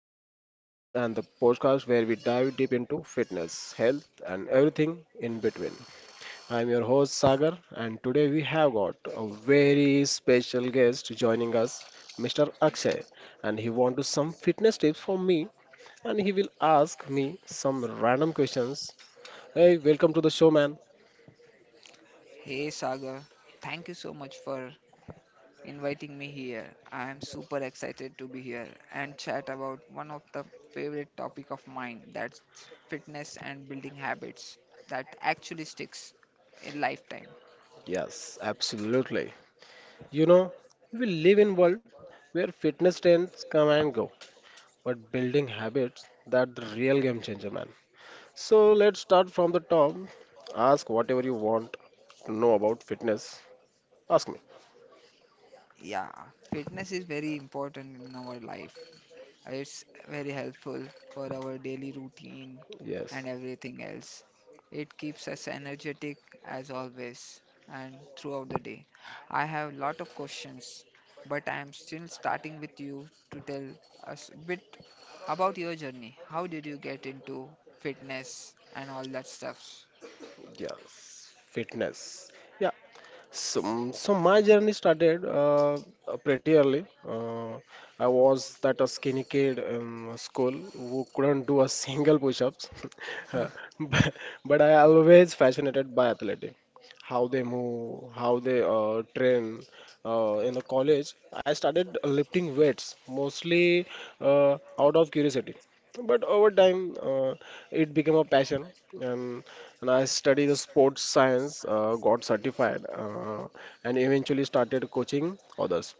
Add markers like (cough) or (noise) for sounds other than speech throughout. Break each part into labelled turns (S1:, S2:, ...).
S1: I'm your fitness coach and the podcast where we dive deep into fitness, health, and everything in between. I'm your host Sagar, and today we have got a very special guest joining us, Mr. Akshay, and he wants to some fitness tips from me, and he will ask me some random questions. Hey, welcome to the show, man.
S2: Hey Saga, thank you so much for inviting me here. I am super excited to be here and chat about one of the favorite topic of mine that's fitness and building habits that actually sticks in lifetime.
S1: Yes, absolutely. You know, we live in world where fitness trends come and go, but building habits, that the real game changer, man. So let's start from the top. Ask whatever you want to know about fitness. Ask me.
S2: Yeah, fitness is very important in our life. It's very helpful for our daily routine, and
S1: Yes,
S2: everything else. It keeps us energetic as always and throughout the day. I have a lot of questions, but I am still starting with you to tell us a bit about your journey. How did you get into fitness and all that stuff?
S1: yes, fitness, yeah. So my journey started pretty early. I was that a skinny kid in school who couldn't do a single push-ups. (laughs) Uh,
S2: (laughs)
S1: but, but I always fascinated by athletic, how they move, how they train. In the college, I started lifting weights mostly uh, out of curiosity, but over time it became a passion, and I study the sports science, got certified, and eventually started coaching others.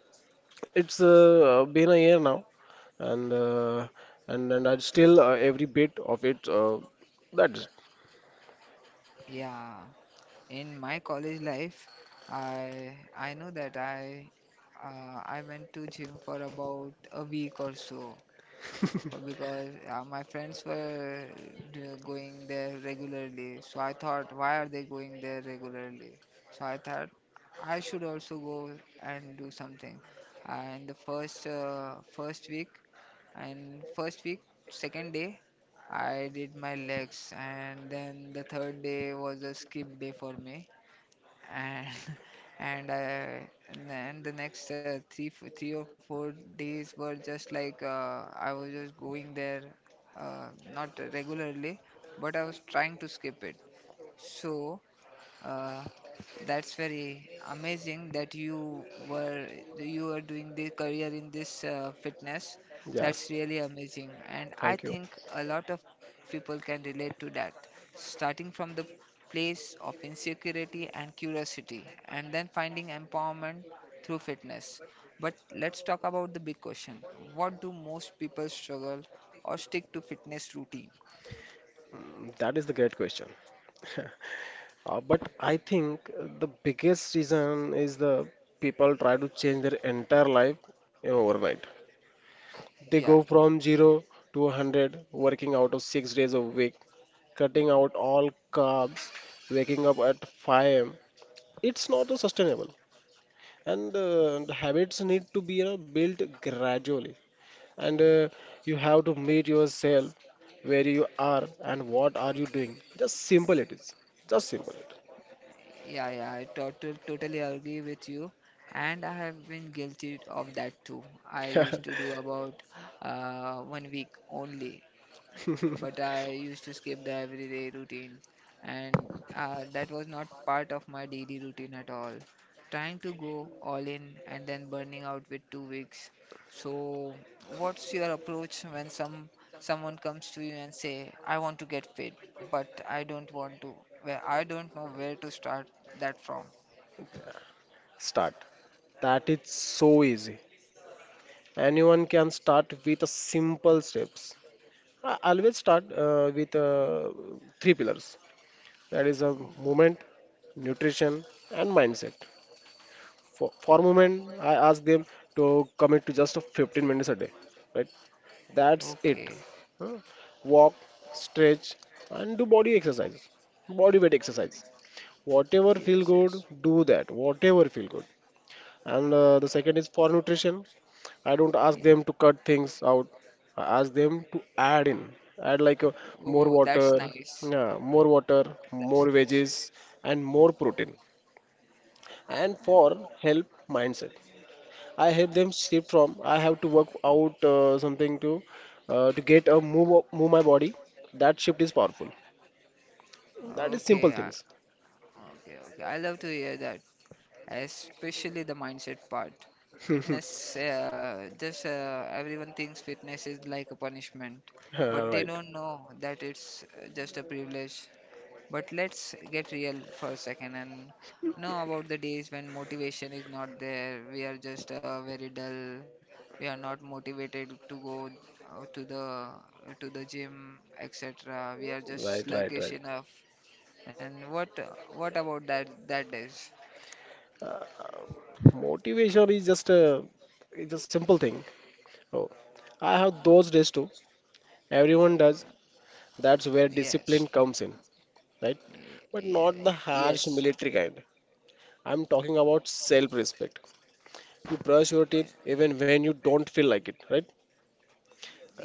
S1: It's been a year now, and I still every bit of it. That's
S2: Yeah, in my college life, I know that I went to gym for about a week or so, because my friends were going there regularly. So I thought, why are they going there regularly? So I thought I should also go and do something. And the first first week and first week, second day, I did my legs, and then the third day was a skip day for me and (laughs) and uh, and then the next 3 or 4 days were just like I was just going there not regularly, but I was trying to skip it. So uh, that's very amazing that were you are doing the career in this fitness.
S1: Yeah,
S2: That's really amazing, and I
S1: thank you.
S2: think a lot of people can relate to that. Starting from the place of insecurity and curiosity, and then finding empowerment through fitness. But let's talk about the big question: what do most people struggle or stick to fitness routine?
S1: That is the great question. (laughs) But I think the biggest reason is the people try to change their entire life in overnight. They
S2: Yeah.
S1: go from zero to 100, working out of 6 days a week, cutting out all carbs, waking up at 5 a.m. It's not sustainable. And the habits need to be, built gradually. And you have to meet yourself where you are and what are you doing. Just simple it is. Just simple
S2: Yeah, I totally agree with you, and I have been guilty of that too. I
S1: it.
S2: used to do about one week only,
S1: (laughs)
S2: but I used to skip the everyday routine, and that was not part of my daily routine at all. Trying to go all in and then burning out with two weeks. So, what's your approach when someone comes to you and say, "I want to get fit, but I don't want to. Well, I don't know where to start that from."
S1: Start. That is so easy. Anyone can start with a simple steps. I always start with three pillars. That is a
S2: Oh,
S1: movement, nutrition, and mindset. For a moment, I ask them to commit to just 15 minutes a day. Right? That's
S2: okay.
S1: it. Huh? Walk, stretch, and do body exercises, body weight exercise. Whatever
S2: Yes,
S1: feel
S2: yes.
S1: good, do that. Whatever feel good. And the second is for nutrition. I don't ask
S2: Ye-
S1: them to cut things out. I ask them to add in, add like more
S2: Oh, that's
S1: water,
S2: nice.
S1: yeah, more water,
S2: That's
S1: more
S2: nice.
S1: veggies, and more protein. And for help mindset, I help them shift from I have to work out something to get a move my body. That shift is powerful. That is
S2: Okay,
S1: simple
S2: I-
S1: things.
S2: okay, okay. I love to hear that, especially the mindset part. Fitness,
S1: (laughs)
S2: just everyone thinks fitness is like a punishment, but they
S1: Right,
S2: don't know that it's just a privilege. But let's get real for a second and know about the days when motivation is not there. We are just very dull. We are not motivated to go uh, to the to the gym, etc. We are just
S1: right, right,
S2: sluggish
S1: right.
S2: enough. And what about that days?
S1: uh, Motivation is just a it's a simple thing. Oh, I have those days too. Everyone does. That's where
S2: Yes.
S1: discipline comes in. Right.
S2: Y-
S1: But
S2: Yeah,
S1: not the
S2: yes,
S1: harsh military kind. I'm talking about self-respect. You brush your teeth
S2: yeah,
S1: even when you don't feel like it, right?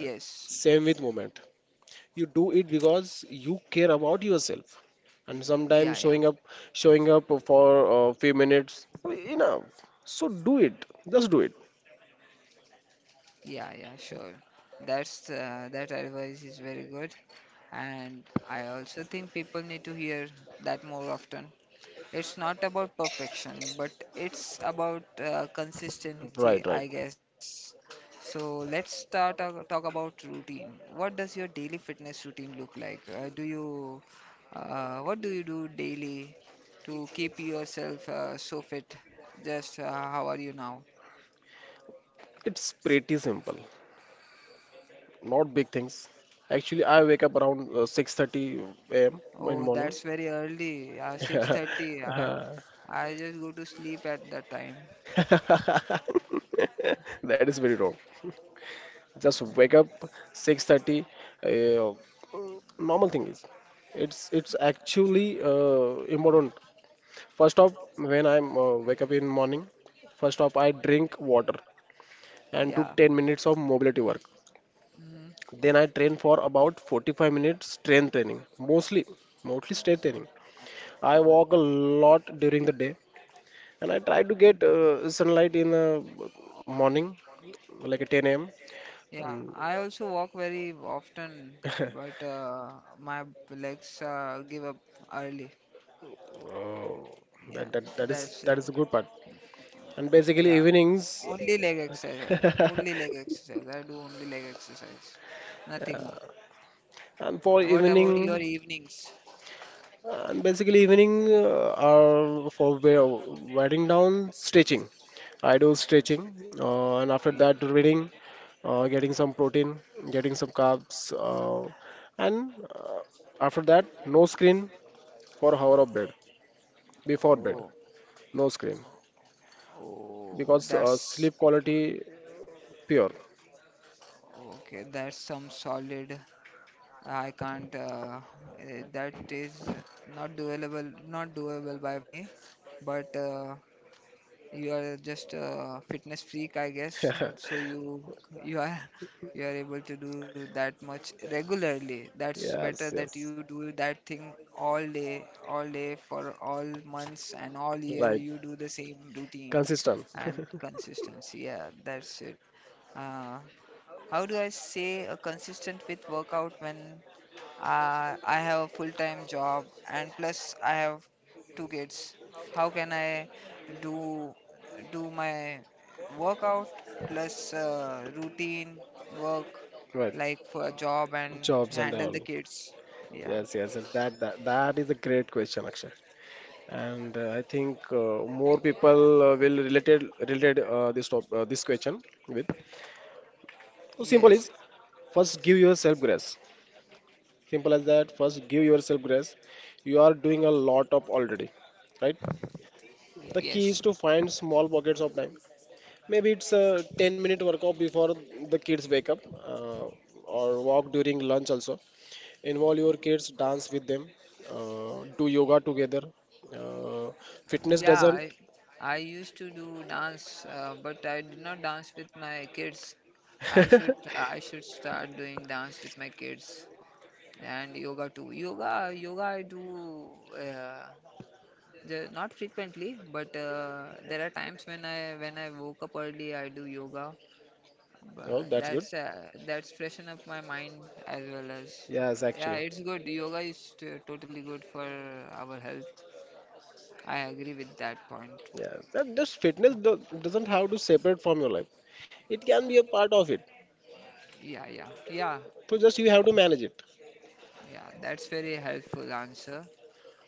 S1: And same with movement. You do it because you care about yourself. And
S2: yeah,
S1: sometimes
S2: yeah,
S1: showing up for a few minutes, enough. So do it. Just do it.
S2: yeah, yeah, sure. That's that advice is very good, and I also think people need to hear that more often. It's not about perfection, but it's about consistency,
S1: Right, right.
S2: I guess. So let's start talk about routine. What does your daily fitness routine look like? Do you What do you do daily to keep yourself so fit? Just how are you now?
S1: It's pretty simple. Not big things. Actually, I wake up around 6:30 a.m. in
S2: Oh,
S1: morning.
S2: that's very early. 6:30. I just go to sleep at that time.
S1: (laughs) That is very wrong. Just wake up
S2: Yeah.
S1: 6:30, normal thing is, it's actually important. First off, when I'm wake up in morning, first off, I drink water and do
S2: Yeah.
S1: 10 minutes of mobility work. Then I train for about 45 minutes strength training, mostly mostly strength training. I
S2: Mm.
S1: walk a lot during the day, and I try to get sunlight in the morning, like at 10 a.m.
S2: Yeah,
S1: um,
S2: I also walk very often,
S1: (laughs)
S2: but my legs give up early.
S1: oh,
S2: Yeah,
S1: that, that that is
S2: that's it.
S1: that is a good part. And basically
S2: Yeah,
S1: evenings.
S2: only leg exercise. Only leg
S1: (laughs)
S2: exercise. I do only leg exercise. Nothing more.
S1: and for
S2: What about your
S1: evening
S2: evenings?
S1: and basically evening are for writing down, stretching. I do stretching, and after
S2: Yeah.
S1: that reading, getting some protein, getting some carbs, uh, and after that, no screen for hour of bed, before bed,
S2: Oh,
S1: no screen,
S2: oh,
S1: because
S2: that's
S1: sleep quality pure.
S2: okay. That's some solid. I can't. That is not doable. Not doable by me. But you are just a fitness freak, I guess. So
S1: (laughs)
S2: you are (laughs) you are able to do that much regularly. That's better
S1: Yes,
S2: that
S1: yes,
S2: you do that thing all day for all months and all year
S1: right,
S2: you do the same routine
S1: consistent.
S2: and consistency. Yeah, that's it. Uh, how do I say a consistent with workout when I have a full-time job and plus I have two kids. How can I do do my workout plus routine work
S1: (laughs) Right.
S2: like for a job and
S1: Jobs and
S2: handle the
S1: all.
S2: kids? Yeah.
S1: Yes, yes, yes. That is a great question, Akshay. And I think more people will related this this question with. So simple is,
S2: Yes.
S1: first, give yourself grace. Simple as that. First, give yourself grace. You are doing a lot of already, right? The key is
S2: Yes.
S1: to find small pockets of time. Maybe it's a 10-minute workout before the kids wake up, uh, or walk during lunch also. Involve your kids, dance with them, do yoga together. uh, Fitness
S2: Yeah.
S1: doesn't.
S2: I used to do dance, but I did not dance with my kids.
S1: (laughs)
S2: I should start doing dance with my kids, and yoga too. Yoga, yoga I do uh, not frequently, but there are times when I woke up early, I do yoga.
S1: oh
S2: But
S1: that's good
S2: that's freshen up my mind as well as
S1: yes,
S2: yeah,
S1: actually.
S2: it's good. Yoga is totally good for our health. I agree with that point.
S1: Yes, that just doesn't have to separate from your life. It can be a part of it.
S2: Yeah,
S1: So just you have to manage it.
S2: yeah. That's very helpful answer.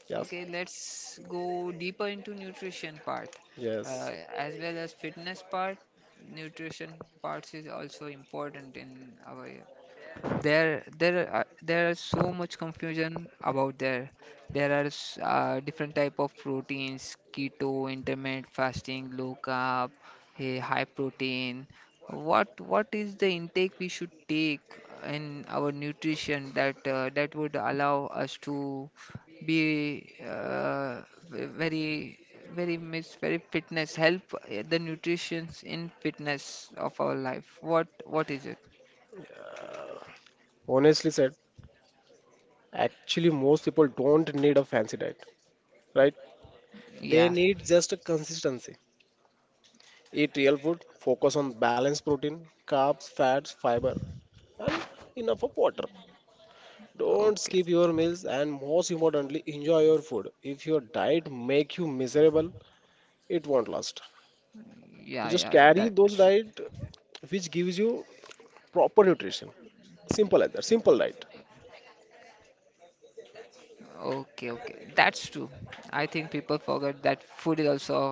S1: Yes,
S2: Okay, let's go deeper into nutrition part
S1: yes.
S2: as well as fitness part. Nutrition parts is also important in our there are so much confusion about there. There are different type of proteins: keto, intermittent fasting, low carb, high protein. What is the intake we should take in our nutrition that that would allow us to be ve- very, very miss, very fitness, help the nutritions in fitness of our life. What is it?
S1: uh, Honestly said, actually, most people don't need a fancy diet, right? They
S2: Yeah.
S1: need just a consistency. Eat real food, focus on balanced protein, carbs, fats, fiber, and enough of water. Don't
S2: Okay.
S1: skip your meals, and most importantly, enjoy your food. If your diet make you miserable, it won't last. So
S2: Yeah,
S1: just carry
S2: that's true.
S1: those diet which gives you proper nutrition. Simple as that. Simple diet.
S2: Okay, okay. That's true. I think people forget that food is also joy and culture.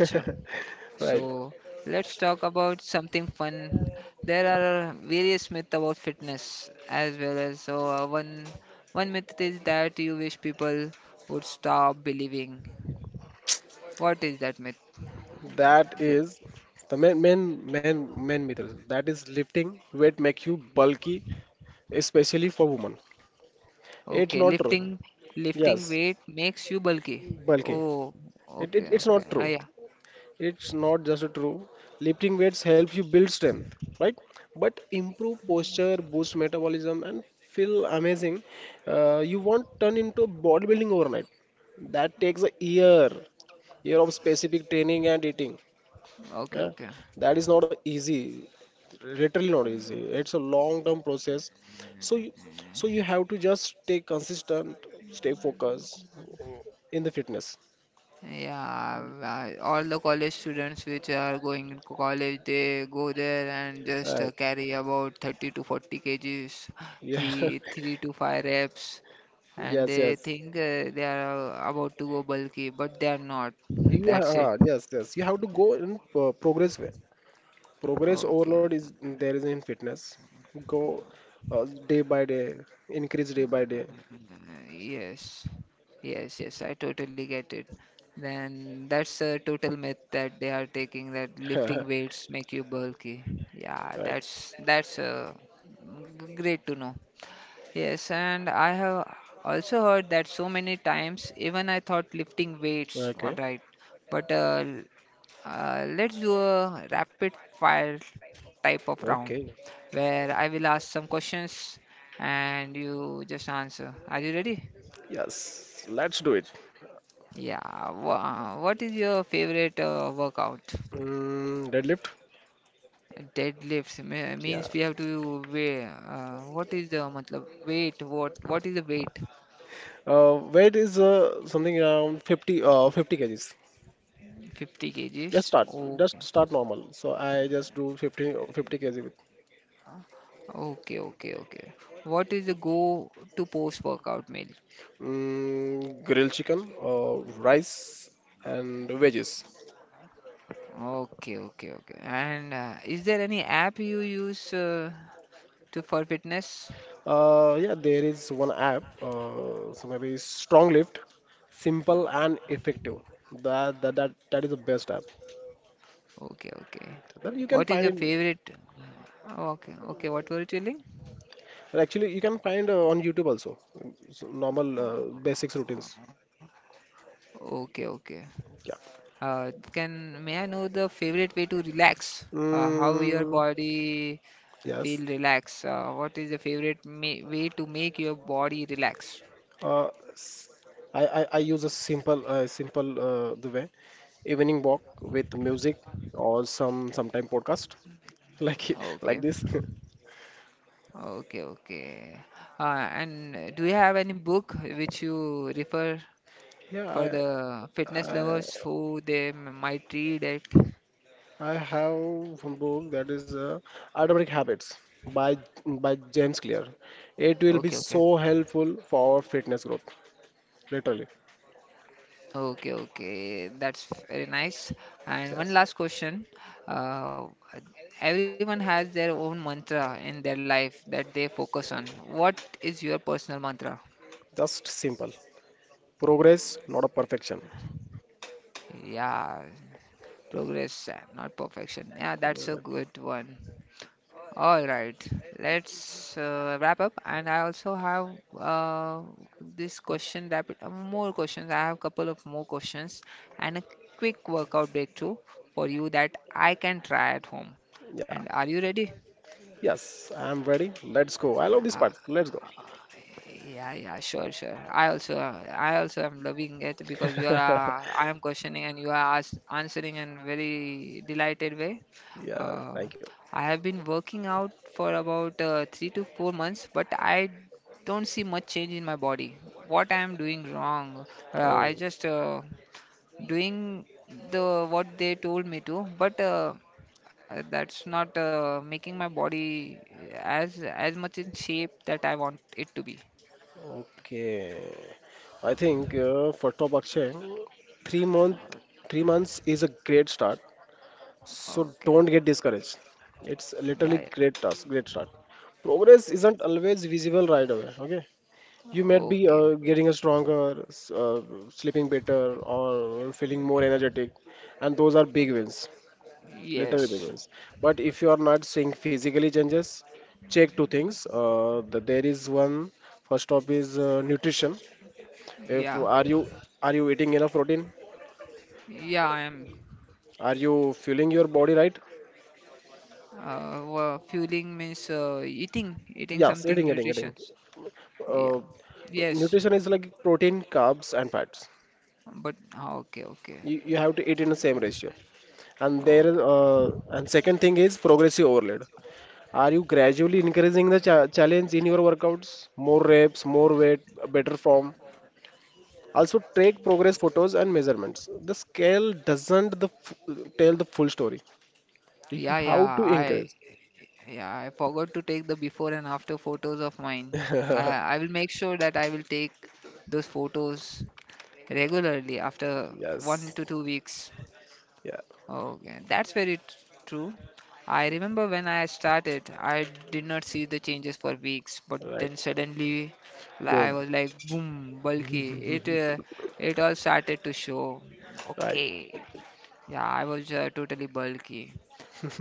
S1: (laughs)
S2: So
S1: Right.
S2: let's talk about something fun. There are various myths about fitness as well, as so one myth is that you wish people would stop believing. What is that myth?
S1: That
S2: The-
S1: is the main main myth. Is That is lifting weight make you bulky, especially for women. It's
S2: Okay,
S1: not true.
S2: lifting
S1: Yes,
S2: weight makes you bulky.
S1: bulky.
S2: Oh,
S1: It, it
S2: okay,
S1: it's
S2: okay.
S1: not
S2: Ah,
S1: true.
S2: yeah.
S1: It's not just true. Lifting weights helps you build strength, right? But improve posture, boost metabolism, and feel amazing. You won't turn into bodybuilding overnight. That takes a year of specific training and eating.
S2: Okay,
S1: Yeah?
S2: okay.
S1: That is not easy. Literally not easy. It's a long-term process. So you, so you have to just stay consistent, stay focused in the fitness.
S2: Yeah, I- all the college students which are going to college, they go there and just
S1: Right.
S2: carry about 30 to 40 kgs,
S1: Yeah.
S2: three
S1: (laughs)
S2: three to five reps, and
S1: Yes.
S2: they
S1: Yes.
S2: think they are about to go bulky, but they are not.
S1: You
S2: That's it.
S1: are, yes, yes. You have to go in progress way. Progress
S2: Okay.
S1: overload is there is in fitness. Go day by day, increase day by day.
S2: Yes, yes, I totally get it. Then that's a total myth that they are taking that lifting
S1: (laughs)
S2: weights make you bulky. Yeah,
S1: Right.
S2: that's great to know. Yes, and I have also heard that so many times, even I thought lifting weights, all
S1: Okay.
S2: right. But let's do a rapid fire type of round
S1: Okay.
S2: where I will ask some questions and you just answer. Are you ready?
S1: Yes, let's do it.
S2: Yeah. What is your favorite workout?
S1: Deadlift.
S2: Deadlifts
S1: Yeah.
S2: means we have to weigh. What is the matlab, weight? What is the weight?
S1: Weight is something around 50, 50 kgs.
S2: 50 kgs.
S1: Just start. Just
S2: Okay.
S1: start normal. So I just do 50 kg with,
S2: Okay. What is the go to post workout meal?
S1: grilled chicken, rice, and veggies.
S2: Okay. Okay. And is there any app you use to for fitness?
S1: Yeah, there is one app, so maybe Stronglift, simple and effective. That is the best app.
S2: Okay. Okay.
S1: That you can
S2: What is
S1: find
S2: your
S1: it.
S2: favorite? Okay. Okay. What were you telling?
S1: Well, actually, you can find on YouTube also. So normal basics routines.
S2: Okay. Okay.
S1: Yeah.
S2: Can may I know the favorite way to relax? How your
S1: Mm,
S2: body
S1: yes.
S2: feel relax? What is the favorite way to make your body relax?
S1: Uh, s- I use a simple simple the way, evening walk with music or sometime podcast. (laughs) Like
S2: Okay,
S1: this. (laughs)
S2: okay. And Do you have any book which you refer for
S1: Yeah,
S2: the fitness
S1: I
S2: lovers who they might read it?
S1: I have one book, that is Atomic Habits by James Clear. It will be
S2: Okay, okay.
S1: so helpful for our fitness growth, literally.
S2: Okay, okay, that's very nice. And one
S1: Yes,
S2: last question. Uh, everyone has their own mantra in their life that they focus on. What is your personal mantra?
S1: just simple, progress, not a perfection.
S2: Yeah, progress, not perfection. Yeah, that's a
S1: Uh,
S2: good one. All right, let's wrap up. And I also have uh, this question rapid more questions. I have a couple of more questions and a quick workout breakthrough for you that I can try at home.
S1: Yeah,
S2: And are you ready?
S1: yes, I am ready. Let's go. I love this part. Let's go.
S2: Yeah, yeah, sure. I also am loving it because
S1: (laughs)
S2: I am questioning and you are as answering in very delighted way.
S1: Yeah,
S2: Uh,
S1: thank you.
S2: I have been working out for about 3 to 4 months, but I don't see much change in my body. What I am doing wrong? I
S1: Oh,
S2: just Doing the what they told me to, but that's not making my body as much in shape that I want it to be.
S1: okay. I think for top Akshay, three month 3 months is a great start. So
S2: Okay.
S1: don't get discouraged. It's literally
S2: Yeah, yeah.
S1: great task, great start. Progress isn't always visible right away. Okay, you might be
S2: Okay.
S1: getting a stronger, sleeping better, or feeling more energetic, and those are big wins, literally big
S2: Yes.
S1: wins. But if you are not seeing physically changes, check two things. There is one. First up is nutrition. If
S2: Yeah.
S1: are you are you eating enough protein?
S2: Yeah, I am.
S1: Are you fueling your body right?
S2: Well, fueling means eating
S1: Yes,
S2: something
S1: eating, eating, eating.
S2: nutritious. Yeah.
S1: Uh,
S2: Yes.
S1: Nutrition is like protein, carbs, and fats.
S2: But ah, okay,
S1: You have to eat in the same ratio. And there,
S2: okay.
S1: and second thing is progressive overload. Are you gradually increasing the challenge in your workouts? More reps, more weight, better form. Also, take progress photos and measurements. The scale doesn't the f tell the full story. You
S2: Yeah, yeah.
S1: have to
S2: I
S1: increase.
S2: Yeah, I forgot to take the before and after photos of mine.
S1: (laughs)
S2: I will make sure that I will take those photos regularly after one
S1: Yes.
S2: to two weeks.
S1: Yeah.
S2: Okay, that's very true. I remember when I started, I did not see the changes for weeks, but
S1: Right.
S2: then suddenly like, I
S1: Boom.
S2: was like, boom, bulky. It all started to show.
S1: Right.
S2: Okay, yeah, I was totally bulky.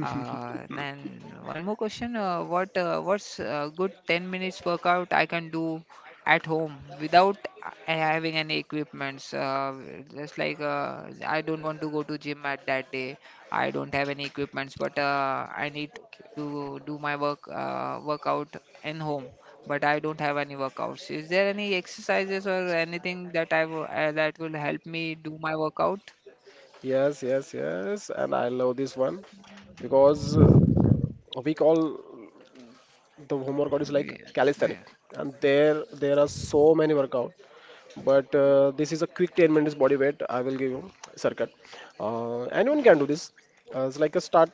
S2: Then one more question. What's a good 10 minutes workout I can do at home without having any equipments? Just like I don't want to go to gym at that day. I don't have any equipments, but I need to do my workout in home. But I don't have any workouts. Is there any exercises or anything that I w that will help me do my workout?
S1: Yes, yes, yes. And I love this one because we call the home workout is like
S2: Yeah, yeah.
S1: calisthenic, and there are so many workout. But this is a quick 10 minutes body weight. I will give you circuit. Anyone can do this. It's like a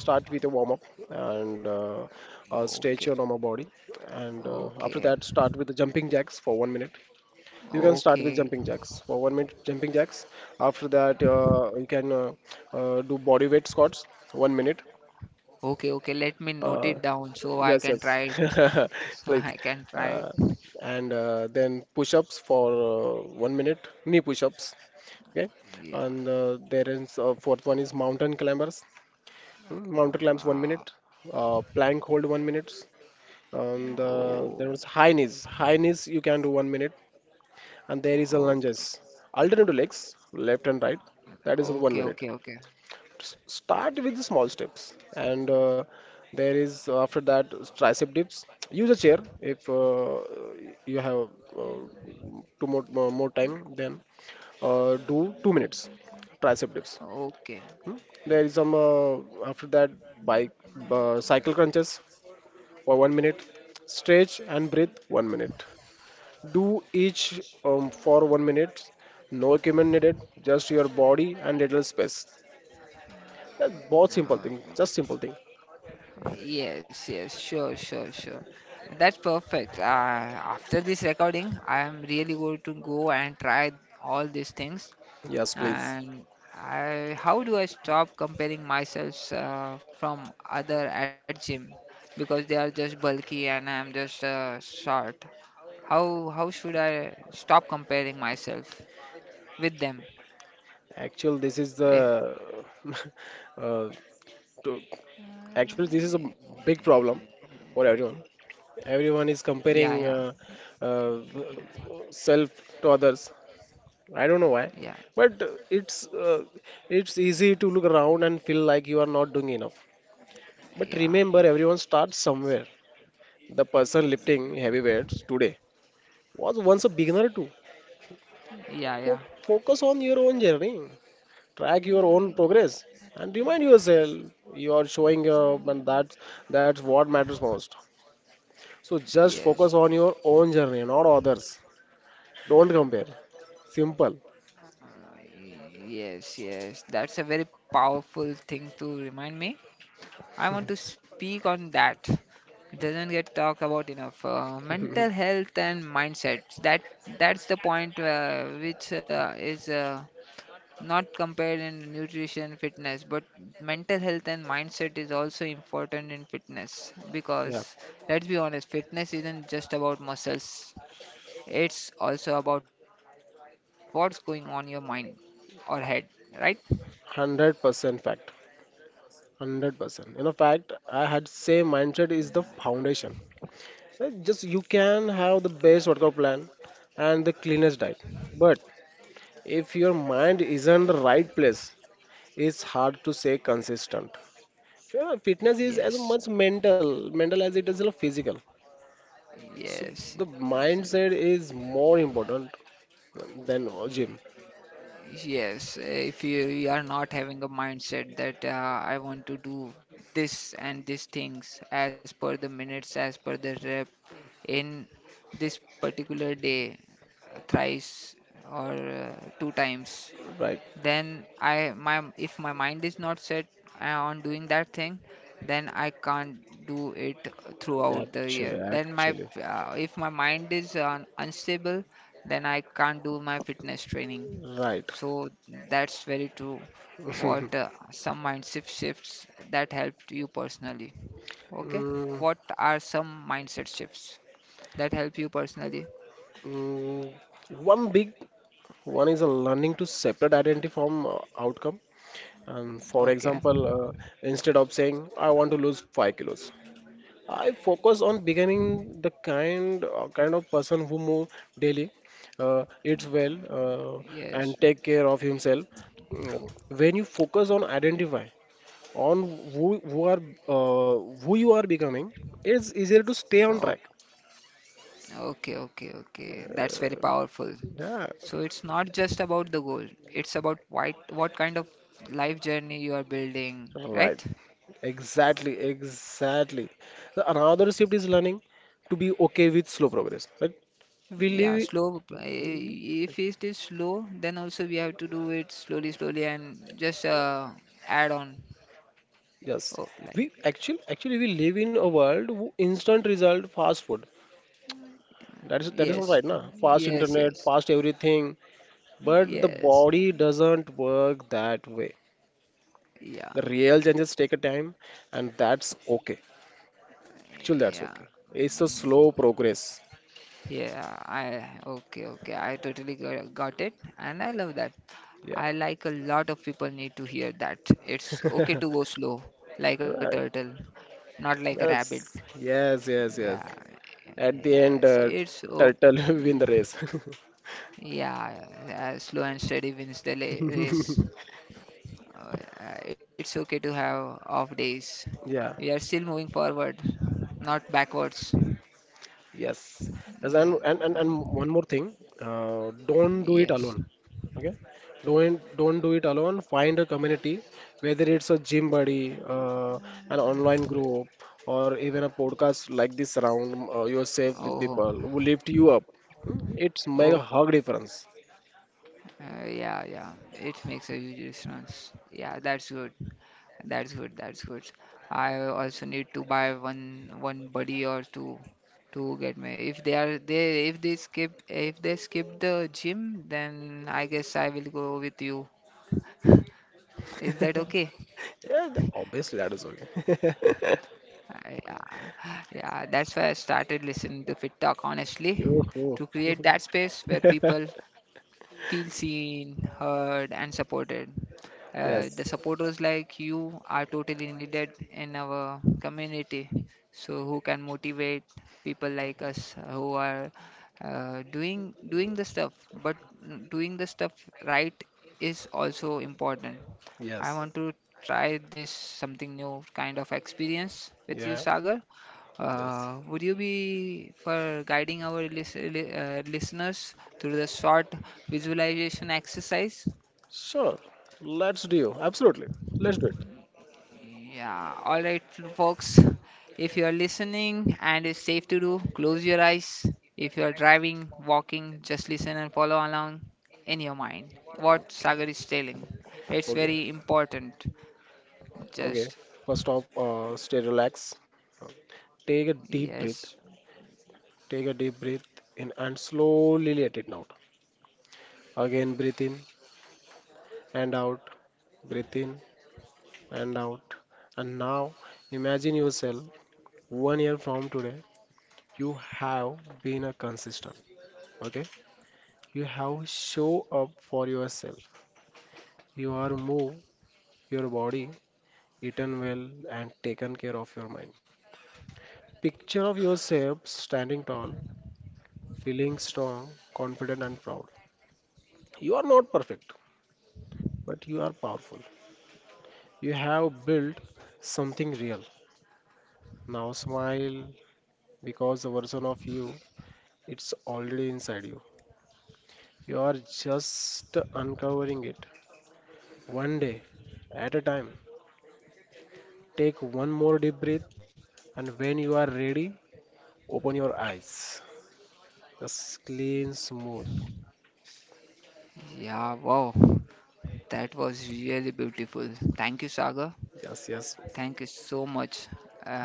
S1: start with a warm up and stretch your
S2: Okay,
S1: normal body, and after
S2: okay.
S1: that start with the jumping jacks for 1 minute. You can start with
S2: Okay.
S1: jumping jacks for 1 minute, jumping jacks. After that, you can do body weight squats 1 minute.
S2: Okay, okay. Let me note
S1: Uh,
S2: it down so I
S1: yes,
S2: can try it.
S1: yes, (laughs)
S2: So
S1: please.
S2: I can try it.
S1: Uh, and Then push ups for 1 minute, knee push ups. Okay,
S2: Yeah.
S1: and there is fourth one is mountain climbers.
S2: Uh,
S1: Mountain climbs one
S2: wow.
S1: minute, plank hold 1 minute, and
S2: Oh.
S1: there was high knees. High knees you can do 1 minute. And there is a
S2: Okay.
S1: lunges. Alternative legs, left and right. That is one
S2: Okay,
S1: minute.
S2: okay, okay.
S1: Start with the small steps, and there is after that tricep dips. Use a chair if you have uh, two more time. Then do 2 minutes tricep dips.
S2: Okay.
S1: There is some after that bike cycle crunches for 1 minute. Stretch and breathe 1 minute. Do each for 1 minute. No equipment needed, just your body and little space. That both simple thing, just simple thing.
S2: Yes, yes. Sure, sure, sure. That's perfect. After this recording, I am really going to go and try all these things.
S1: Yes, please.
S2: And I, how do I stop comparing myself from other at gym because they are just bulky and I'm just short? How should I stop comparing myself with them?
S1: Actually, this is the
S2: Eh,
S1: (laughs) uh, to, actually this is a big problem for everyone. Everyone is
S2: yeah,
S1: comparing
S2: yeah,
S1: uh, self to others. I don't know why,
S2: yeah,
S1: but it's uh, it's easy to look around and feel like you are not doing enough. But
S2: yeah,
S1: remember, everyone starts somewhere. The person lifting heavy weights today was once a beginner too.
S2: yeah, yeah.
S1: Focus on your own journey, track your own progress, and remind yourself you are showing up, and that's what matters most. So just
S2: Yes,
S1: focus on your own journey, not others. Don't compare. Simple.
S2: yes, yes. That's a very powerful thing to remind me. I want to speak on that. It doesn't get talked about enough. Mental
S1: (laughs)
S2: health and mindsets. That's the point which is not compared in nutrition fitness, but mental health and mindset is also important in fitness
S1: Yeah,
S2: because let's be honest, fitness isn't just about muscles. It's also about what's going on your mind or head, right?
S1: 100% fact. 100%. You know, fact. I had same mindset is the foundation. Just you can have the best workout plan and the cleanest diet, but if your mind isn't the right place, it's hard to stay consistent. Yeah, fitness is as
S2: Yes,
S1: much mental as it is a physical. So
S2: yes.
S1: the mindset
S2: Yes.
S1: is more important than a gym.
S2: Yes, if you are not having a mindset that I want to do this and these things as per the minutes, as per the rep in this particular day, thrice or two times,
S1: Right.
S2: then I my if my mind is not set on doing that thing, then I can't do it throughout the
S1: actually
S2: year. Then
S1: actually
S2: if my mind is un unstable, then I can't do my fitness training.
S1: right.
S2: So that's very true. What
S1: (laughs)
S2: some mindset shifts that helped you personally. Okay.
S1: Mm,
S2: What are some mindset shifts that help you personally?
S1: mm, one big one is a learning to separate identity from outcome. And for
S2: Okay.
S1: example, instead of saying I want to lose 5 kilos, I focus on becoming the kind of person who move daily, eats well, and
S2: Yes.
S1: take care of himself. When you focus on identify on who who are who you are becoming, it's easier to stay on
S2: Okay,
S1: track.
S2: okay, okay, okay. That's very powerful.
S1: Yeah,
S2: So it's not just about the goal, it's about what kind of life journey you are building,
S1: right.
S2: right?
S1: Exactly, exactly. The another shift is learning to be okay with slow progress. Right? We
S2: Yeah,
S1: live.
S2: slow. If it is slow, then also we have to do it slowly, slowly, and just add on.
S1: Yes,
S2: Oh, like
S1: we actually we live in a world who instant result fast food. That is all
S2: yes,
S1: right, na? Fast
S2: yes,
S1: internet,
S2: yes,
S1: fast everything, but the
S2: yes,
S1: body doesn't work that way.
S2: yeah,
S1: The real changes take a time, and that's okay. Actually, that's
S2: yeah.
S1: okay. It's a slow progress.
S2: Yeah, I okay, okay. I totally got it, and I love that.
S1: Yeah.
S2: I like a lot of people need to hear that. It's okay to go slow, like a
S1: Right.
S2: turtle, not like a rabbit.
S1: Yes. Yes.
S2: Yeah,
S1: Yes. Yes. At the
S2: yes,
S1: end,
S2: it's okay.
S1: turtle (laughs) win the race. (laughs)
S2: Yeah, yeah, slow and steady wins the race. Uh, it's okay to have off days. We are
S1: Yeah.
S2: still moving forward, not backwards.
S1: Yes. Yes,
S2: Yeah,
S1: and one more thing. Don't do it
S2: yes.
S1: alone. Okay. Don't do it alone. Find a community, whether it's a gym buddy, an online group, or even a podcast like this, around yourself with
S2: Oh,
S1: people who lift you up. It's make a
S2: okay.
S1: hug difference.
S2: Yeah, yeah, it makes a huge difference. Yeah, that's good. That's good. That's good. I also need to buy one buddy or two to get me. If they skip the gym, then I guess I will go with you. Is that okay?
S1: Yeah, obviously that is okay.
S2: Yeah, yeah. That's why I started listening to Fit Talk
S1: (laughs)
S2: honestly to
S1: Yoo-hoo.
S2: create that space where people
S1: (laughs)
S2: feel seen, heard, and supported. The
S1: Yes.
S2: supporters like you are totally needed in our community. So who can motivate people like us who are doing the stuff, but doing the stuff right is also important. I
S1: Yes.
S2: want to try this something new kind of experience with
S1: Yeah.
S2: you, Sagar.
S1: Yes.
S2: Would you be for guiding our listeners through the short visualization exercise?
S1: Sure. Let's do. Absolutely. Let's do it.
S2: Yeah, all right, folks. If you are listening and it's safe to do, close your eyes. If you are driving, walking, just listen and follow along in your mind what
S1: Okay,
S2: Sagar is telling. It's
S1: okay,
S2: very important.
S1: okay.
S2: Just
S1: First off, stay relaxed. Uh, Take a deep
S2: yes,
S1: breath. Take a deep breath in and slowly let it out. Again, breathe in and out. Breathe in and out. And now, imagine yourself one year from today, you have been a consistent. Okay, you have show up for yourself. You are move your body, eaten well, and taken care of your mind. Picture of yourself standing tall, feeling strong, confident, and proud. You are not perfect, but you are powerful. You have built something real. Now smile, because the version of you, it's already inside you. You are just uncovering it one day at a time. Take one more deep breath, and when you are ready, open your eyes. Just clean, smooth.
S2: yeah, wow, that was really beautiful. Thank you, Sagar.
S1: Yes, yes.
S2: Thank you so much.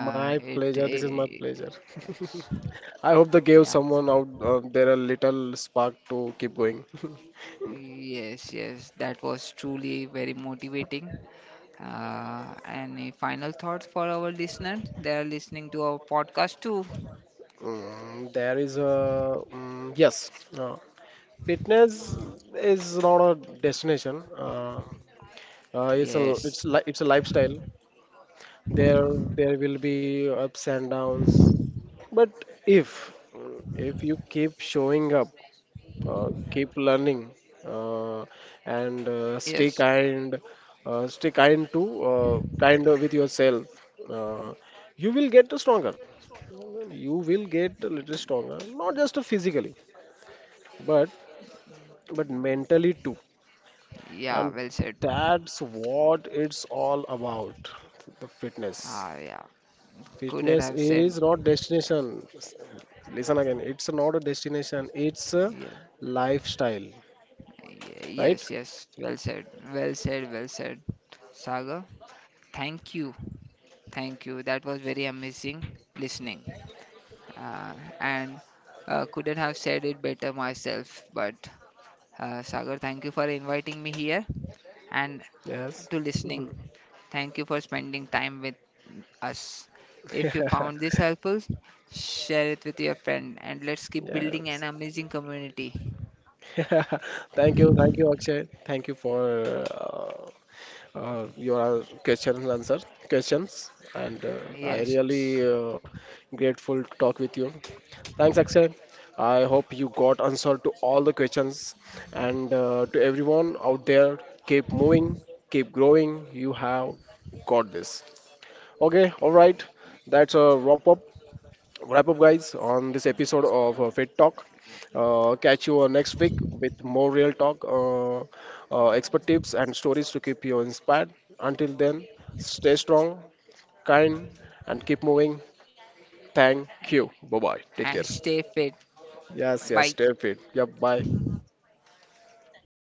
S1: My
S2: it,
S1: pleasure. This is my
S2: eh,
S1: pleasure.
S2: yes,
S1: (laughs) I hope they gave
S2: yeah,
S1: someone out there a little spark to keep going. (laughs)
S2: yes, yes. That was truly very motivating. And a final thought for our listener. They are listening to our podcast too.
S1: There is a mm, yes, uh, fitness is not a destination. It's a
S2: Yes,
S1: it's a lifestyle. There there will be ups and downs, but if if you keep showing up, keep learning, uh, and
S2: yes,
S1: stay kind to kind with yourself. uh, you will get stronger. You will get a little stronger, not just physically, but but mentally too.
S2: yeah.
S1: And
S2: Well said.
S1: that's what it's all about: the fitness
S2: Ah, yeah. Couldn't
S1: fitness
S2: have
S1: is
S2: said.
S1: not destination. Listen again, it's not a destination, it's a
S2: Yeah,
S1: lifestyle. Right.
S2: yes, yes. Well said. Well said. Well said. Saga, thank you. Thank you. That was very amazing listening. Uh, and Couldn't have said it better myself. But Sagar, thank you for inviting me here and
S1: Yes.
S2: to listening.
S1: Mm-hmm.
S2: Thank you for spending time with us. If you found
S1: (laughs)
S2: this helpful, share it with your friend and let's keep
S1: Yeah.
S2: building an amazing community.
S1: (laughs) Thank you, Akshay. Thank you for uh, your questions, and I
S2: Yes,
S1: really grateful to talk with you. Thanks, Akshay. I hope you got answer to all the questions, and to everyone out there, keep moving, keep growing. You have got this. Okay, all right. That's a wrap up, guys, on this episode of Fit Talk. Catch you next week with more real talk, expert tips, and stories to keep you inspired. Until then, stay strong, kind, and keep moving. Thank you. Bye bye. Take care.
S2: and stay fit.
S1: Yes, yes,
S2: Bye.
S1: stay fit. Yeah, bye.